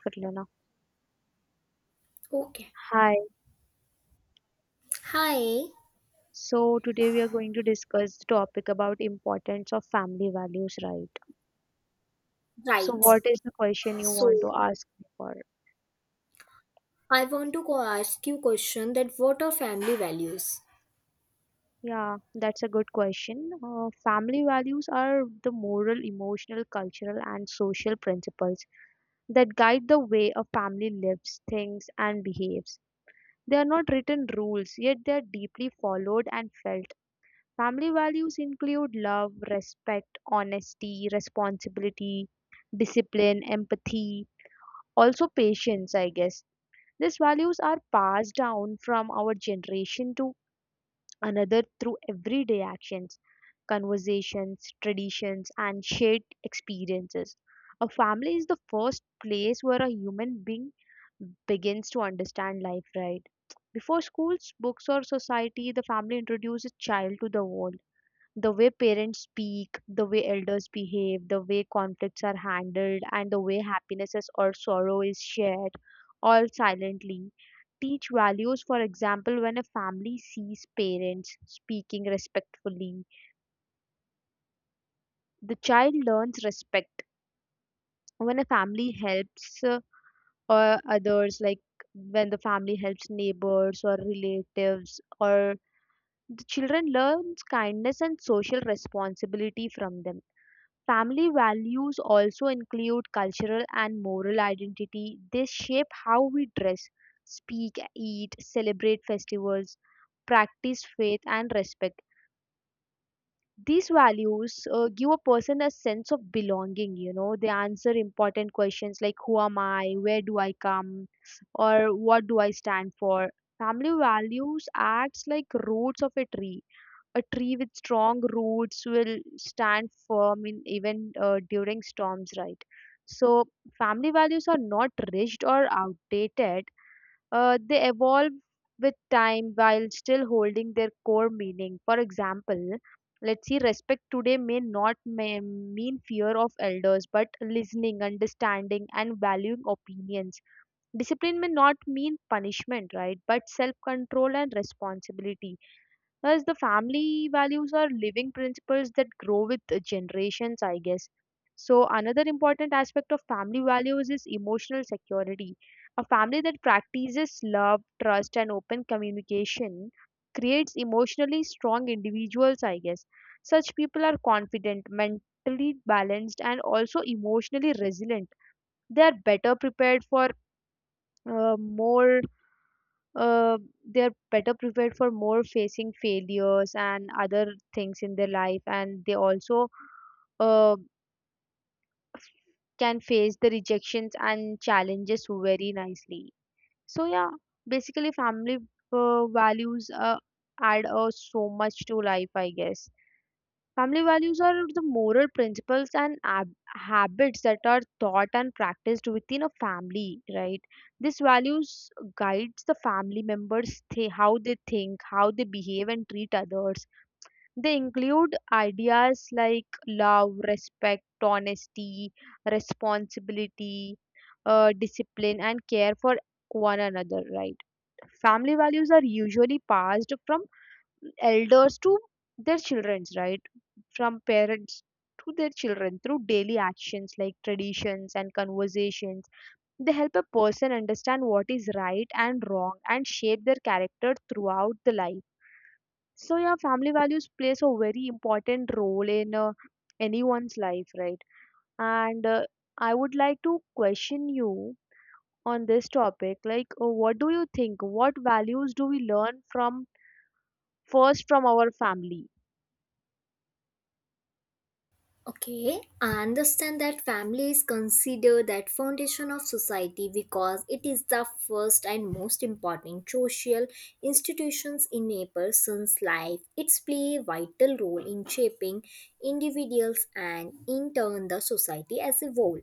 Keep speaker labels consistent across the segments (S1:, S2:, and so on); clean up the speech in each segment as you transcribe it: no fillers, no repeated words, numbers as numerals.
S1: Katlana.
S2: Okay.
S1: Hi.
S2: Hi.
S1: So today we are going to discuss the topic about importance of family values, right? So
S2: Right.
S1: what is the question you want
S2: So
S1: to ask me for?
S2: I want to go ask you question that what are family values?
S1: Yeah, that's a good question. Family values are the moral, emotional, cultural, and social principles that guide the way a family lives, thinks, and behaves. They are not written rules, yet they are deeply followed and felt. Family values include love, respect, honesty, responsibility, discipline, empathy, also patience, I guess. These values are passed down from our generation to another through everyday actions, conversations, traditions, and shared experiences. A family is the first place where a human being begins to understand life, right? Before schools, books, or society, the family introduces a child to the world, the way parents speak, the way elders behave, the way conflicts are handled, and the way or sorrow is shared, all silently. Teach values, for example, when a family sees parents speaking respectfully, the child learns respect. When a family helps others, like when the family helps neighbors or relatives, or the children learns kindness and social responsibility from them. Family values also include cultural and moral identity. They shape how we dress, speak, eat, celebrate festivals, practice faith, and respect. These values give a person a sense of belonging. You know, they answer important questions like who am I, where do I come, or what do I stand for. Family values acts like roots of a tree, a tree with strong roots will stand firm in even during storms, right? So family values are not rigid or outdated. They evolve with time while still holding their core meaning. For example, let's see, respect today may not may mean fear of elders, but listening, understanding, and valuing opinions. Discipline may not mean punishment, right? But self control and responsibility, as the family values are living principles that grow with the generations, I guess. So, another important aspect of family values is emotional security. A family that practices love, trust, and open communication creates emotionally strong individuals, I guess. Such people are confident, mentally balanced, and also emotionally resilient. They are better prepared for more uh, they're better prepared for more facing failures and other things in their life, and they also uh, can face the rejections and challenges very nicely. So yeah, basically family values add so much to life, I guess. Family values are the moral principles and habits that are taught and practiced within a family, right? These values guides the family members, how they think, how they behave and treat others. They include ideas like love, respect, honesty, responsibility, discipline, and care for one another, right? Family values are usually passed from elders to their children, right? From parents to their children through daily actions like traditions and conversations. They help a person understand what is right and wrong and shape their character throughout the life. So, yeah, family values plays a very important role in anyone's life, right? And I would like to question you on this topic like, what do you think? What values do we learn from first from our family?
S2: Okay. I understand that family is considered that foundation of society because it is the first and most important social institutions in a person's life. It's play a vital role in shaping individuals and in turn the society as a whole.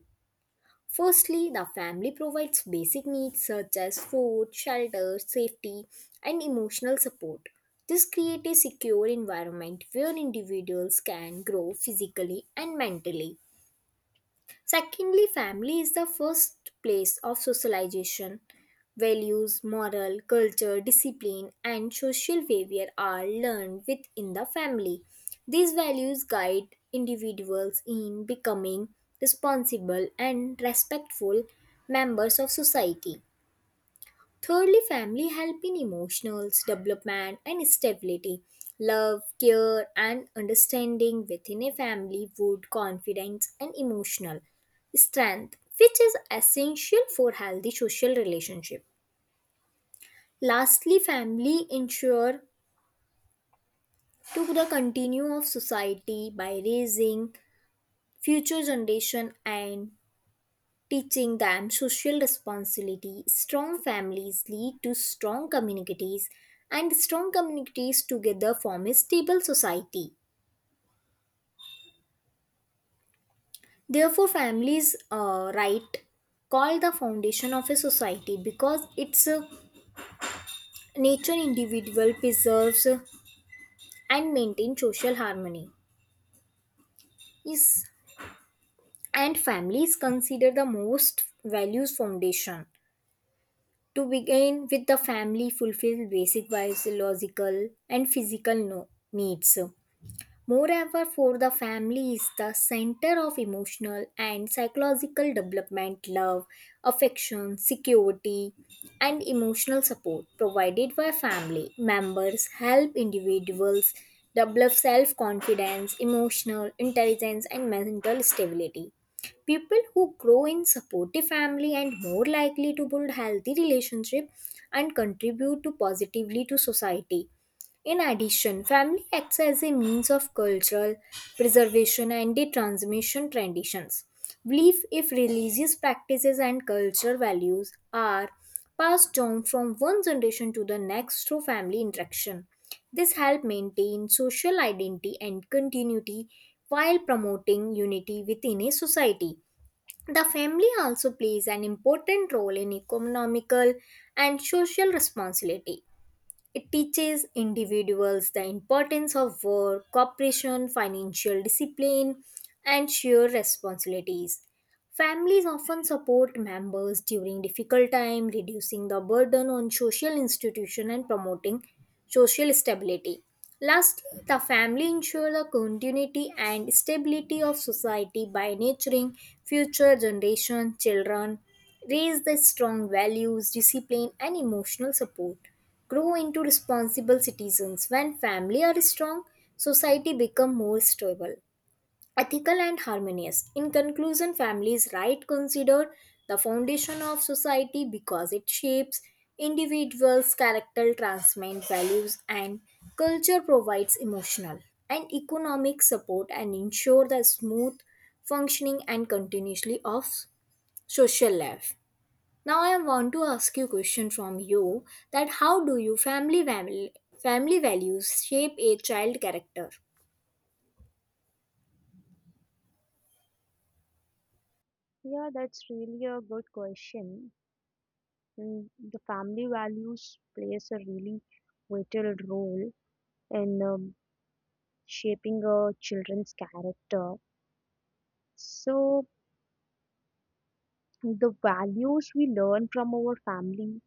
S2: Firstly, the family provides basic needs such as food, shelter, safety, and emotional support. This creates a secure environment where individuals can grow physically and mentally. Secondly, family is the first place of socialization. Values, moral, culture, discipline, and social behavior are learned within the family. These values guide individuals in becoming responsible and respectful members of society. Thirdly, family help in emotional development and stability. Love, care, and understanding within a family would confidence and emotional strength, which is essential for healthy social relationship. Lastly, family ensure to the continue of society by raising future generation and teaching them social responsibility. Strong families lead to strong communities, and strong communities together form a stable society. Therefore, families' right called the foundation of a society because its nature individual preserves and maintains social harmony. Yes, and families consider the most values foundation. To begin with, the family fulfills basic biological and physical needs. Moreover, for the family is the center of emotional and psychological development, love, affection, security, and emotional support provided by family members help individuals develop self confidence, emotional intelligence, and mental stability. People who grow in supportive family and more likely to build healthy relationship and contribute to positively to society. In addition, family acts as a means of cultural preservation and the transmission traditions. Belief if religious practices and cultural values are passed down from one generation to the next through family interaction. This helps maintain social identity and continuity while promoting unity within a society. The family also plays an important role in economical and social responsibility. It teaches individuals the importance of work, cooperation, financial discipline, and shared responsibilities. Families often support members during difficult time, reducing the burden on social institution and promoting social stability. Lastly, the family ensure the continuity and stability of society by nurturing future generation children, raise the strong values, discipline and emotional support, grow into responsible citizens. When family are strong, society become more stable ethical and harmonious. In conclusion, families right considered the foundation of society because it shapes individuals' character, transmits values, and culture provides emotional and economic support and ensure the smooth functioning and continuously of social life. Now I want to ask you a question from you that how do you family family values shape a child character?
S1: Yeah, that's really a good question. Mm, the family values plays a really vital role in shaping a children's character. So the values we learn from our family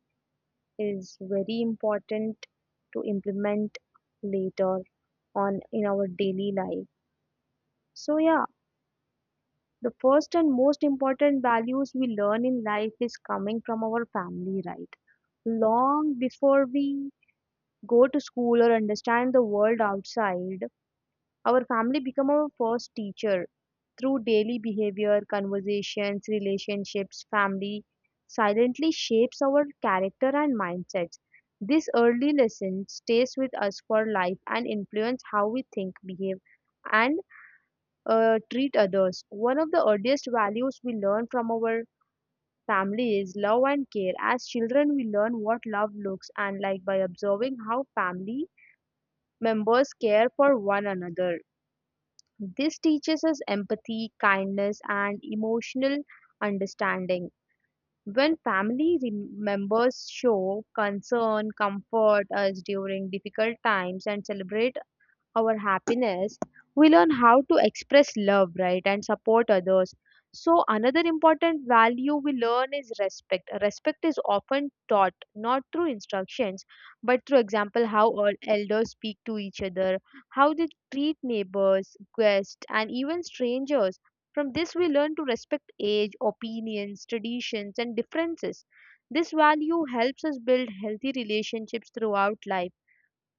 S1: is very important to implement later on in our daily life. So yeah, the first and most important values we learn in life is coming from our family, right? Long before we go to school or understand the world outside, our family become our first teacher. Through daily behavior, conversations, relationships, family silently shapes our character and mindsets. This early lesson stays with us for life and influence how we think, behave, and treat others. One of the earliest values we learn from our family is love and care. As children, we learn what love looks and like by observing how family members care for one another. This teaches us empathy, kindness, and emotional understanding. When family members show concern, comfort us during difficult times, and celebrate our happiness, we learn how to express love, right, and support others. So, another important value we learn is respect. Respect is often taught not through instructions but through example, how all elders speak to each other, how they treat neighbors, guests, and even strangers. From this, we learn to respect age, opinions, traditions, and differences. This value helps us build healthy relationships throughout life.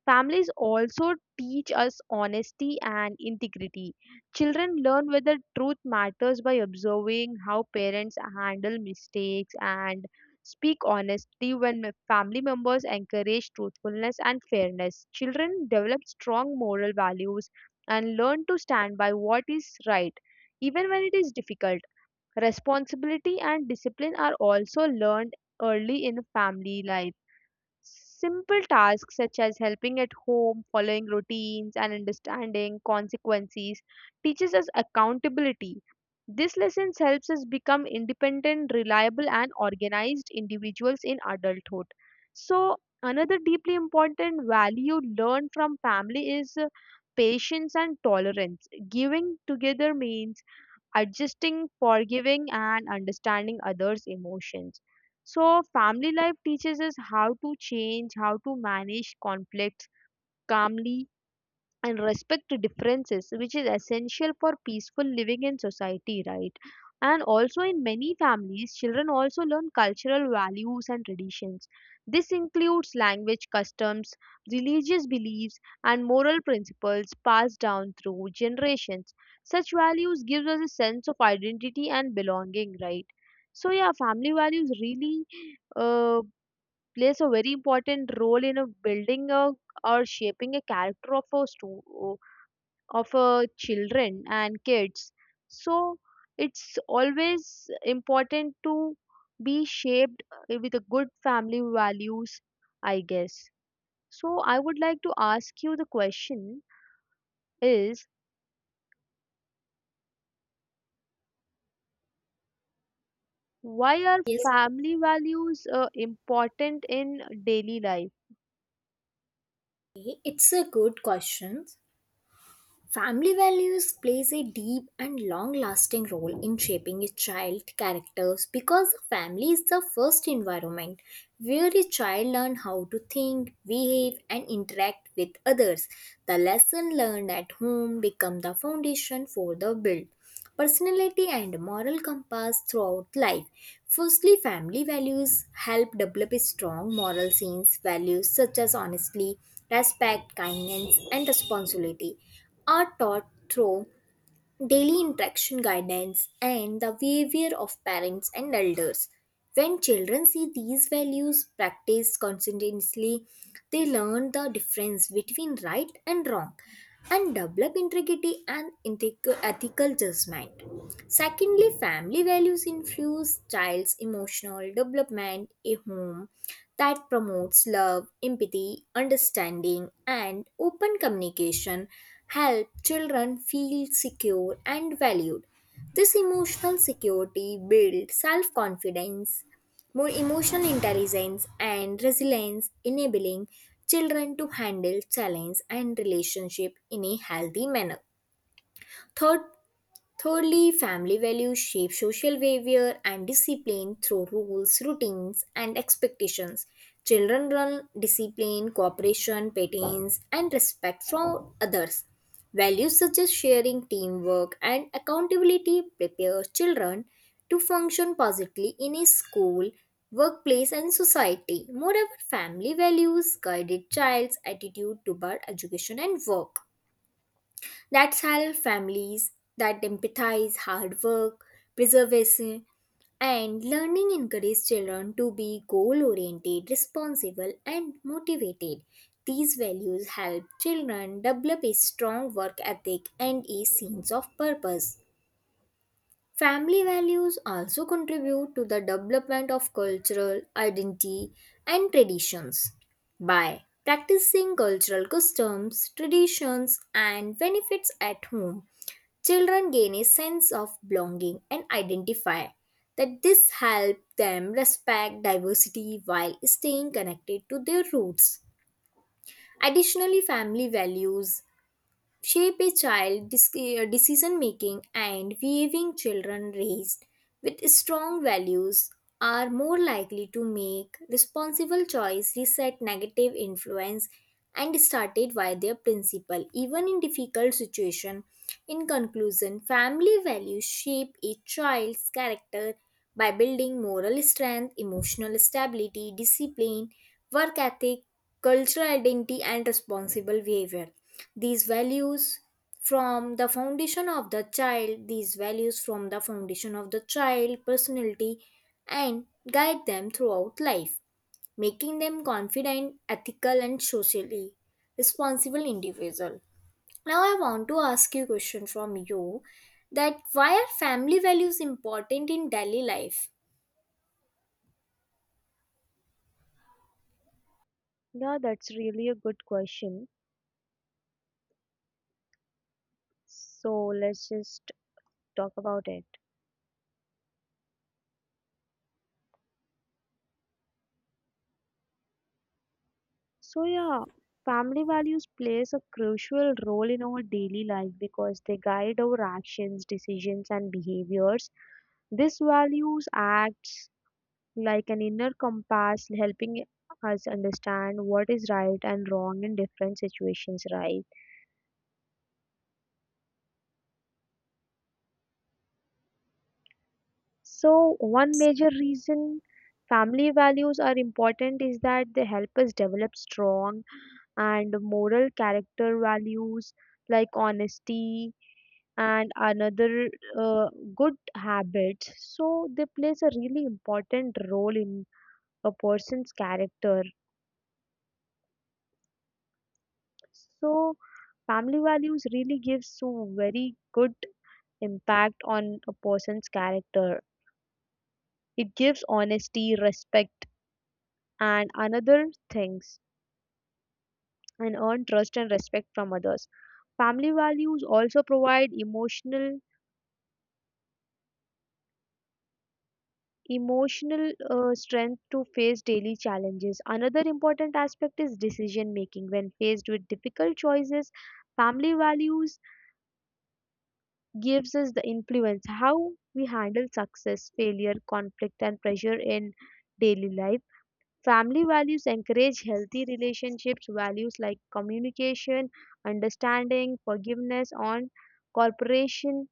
S1: Families also teach us honesty and integrity. Children learn whether truth matters by observing how parents handle mistakes and speak honestly when family members encourage truthfulness and fairness. Children develop strong moral values and learn to stand by what is right, even when it is difficult. Responsibility and discipline are also learned early in family life. Simple tasks such as helping at home, following routines, and understanding consequences teaches us accountability. This lesson helps us become independent, reliable, and organized individuals in adulthood. So, another deeply important value learned from family is patience and tolerance. Giving together means adjusting, forgiving, and understanding others' emotions. So, family life teaches us how to change, how to manage conflicts calmly, and respect to differences which is essential for peaceful living in society, right? And also in many families children also learn cultural values and traditions. This includes language customs, religious beliefs, and moral principles passed down through generations. Such values gives us a sense of identity and belonging, right? So yeah, family values really uh, plays a very important role in a building a, or shaping a character of a stu- of children and kids. So it's always important to be shaped with a good family values, I guess. So I would like to ask you the question is, why are
S2: Yes,
S1: family values important in daily life?
S2: it's a good question. Family values plays a deep and long-lasting role in shaping a child's characters because family is the first environment where a child learns how to think, behave and interact with others. The lesson learned at home become the foundation for the build personality and moral compass throughout life. Firstly, family values help develop strong moral sense. Values such as honesty, respect, kindness, and responsibility are taught through daily interaction guidance and the behavior of parents and elders. When children see these values practiced consistently, they learn the difference between right and wrong and develop integrity and ethical judgment. Secondly, family values influence child's emotional development. A home that promotes love, empathy, understanding, and open communication help children feel secure and valued. This emotional security builds self-confidence, more emotional intelligence, and resilience, enabling children to handle challenge and relationship in a healthy manner. Third, Thirdly, family values shape social behavior and discipline through rules, routines, and expectations. Children learn discipline, cooperation, patterns, and respect from others. Values such as sharing, teamwork, and accountability prepare children to function positively in a school, workplace, and society. Moreover, family values guide a child's attitude toward education and work. That's how families that empathize hard work, preservation, and learning encourage children to be goal oriented, responsible, and motivated. These values help children develop a strong work ethic and a sense of purpose. Family values also contribute to the development of cultural identity and traditions. By practicing cultural customs, traditions, and benefits at home, children gain a sense of belonging and identify that this helps them respect diversity while staying connected to their roots. Additionally, family values shape a child decision making and behaving children raised with strong values are more likely to make responsible choice reset negative influence and started by their principal even in difficult situation. In conclusion, family values shape a child's character by building moral strength emotional stability discipline work ethic cultural identity and responsible behavior. these values these values from the foundation of the child personality and guide them throughout life, making them confident ethical and socially responsible individual. Now I want to ask you a question from you that why are family values important in daily life?
S1: Yeah, that's really a good question. So let's just talk about it. So yeah, family values plays a crucial role in our daily life because they guide our actions, decisions and behaviors. These values acts like an inner compass, helping us understand what is right and wrong in different situations, right? So one major reason family values are important is that they help us develop strong and moral character. Values like honesty and another uh, good habits, so they plays a really important role in a person's character. So family values really gives so very good impact on a person's character. It gives honesty, respect, and another things, and earn trust and respect from others. Family values also provide emotional strength to face daily challenges. Another important aspect is decision making. When faced with difficult choices, family values gives us the influence how we handle success, failure, conflict, and pressure in daily life. Family values encourage healthy relationships. Values like communication, understanding, forgiveness, and cooperation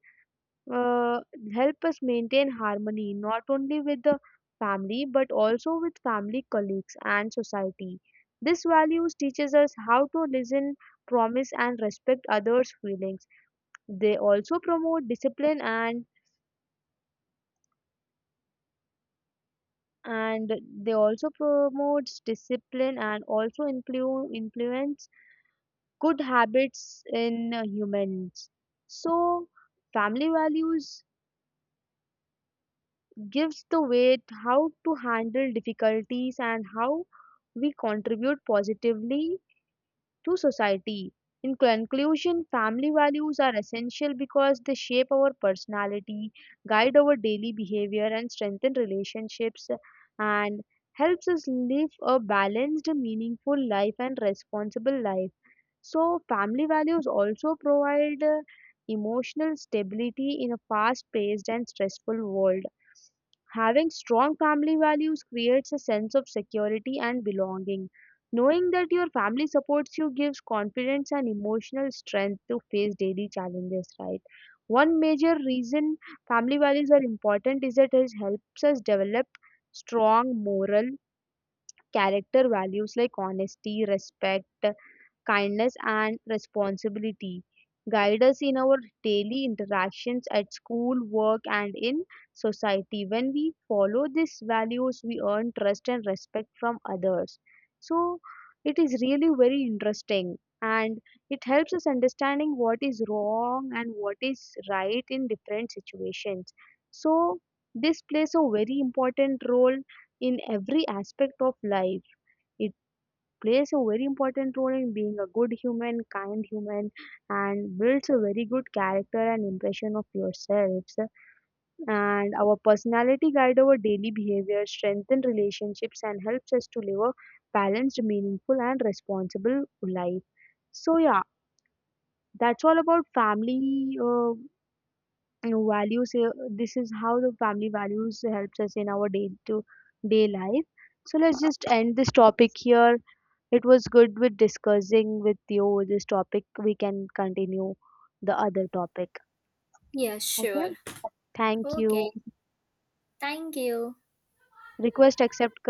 S1: uh, help us maintain harmony not only with the family but also with family, colleagues, and society. This values teaches us how to listen, promise, and respect others feelings. They also promote discipline and and they also promotes discipline and also influence good habits in humans. So family values gives the weight how to handle difficulties and how we contribute positively to society. In conclusion, family values are essential because they shape our personality, guide our daily behavior, and strengthen relationships, and helps us live a balanced, meaningful life and responsible life. So, family values also provide emotional stability in a fast paced and stressful world. Having strong family values creates a sense of security and belonging. Knowing that your family supports you gives confidence and emotional strength to face daily challenges, right? One major reason family values are important is that it helps us develop strong moral character. Values like honesty, respect, kindness, and responsibility guide us in our daily interactions at school, work, and in society. When we follow these values, we earn trust and respect from others. So, it is really very interesting and it helps us understanding what is wrong and what is right in different situations. So this plays a very important role in every aspect of life. It plays a very important role in being a good human, kind human, and builds a very good character and impression of yourselves. And our personality guide our daily behavior, strengthen relationships, and helps us to live a balanced, meaningful, and responsible life. So yeah, that's all about family, you know, values. This is how the family values helps us in our day to day life. So let's just end this topic here. It was good with discussing with you this topic. We can continue the other topic.
S2: Yes,
S1: Okay.
S2: sure.
S1: Thank
S2: Okay,
S1: you.
S2: thank you.
S1: Request accept.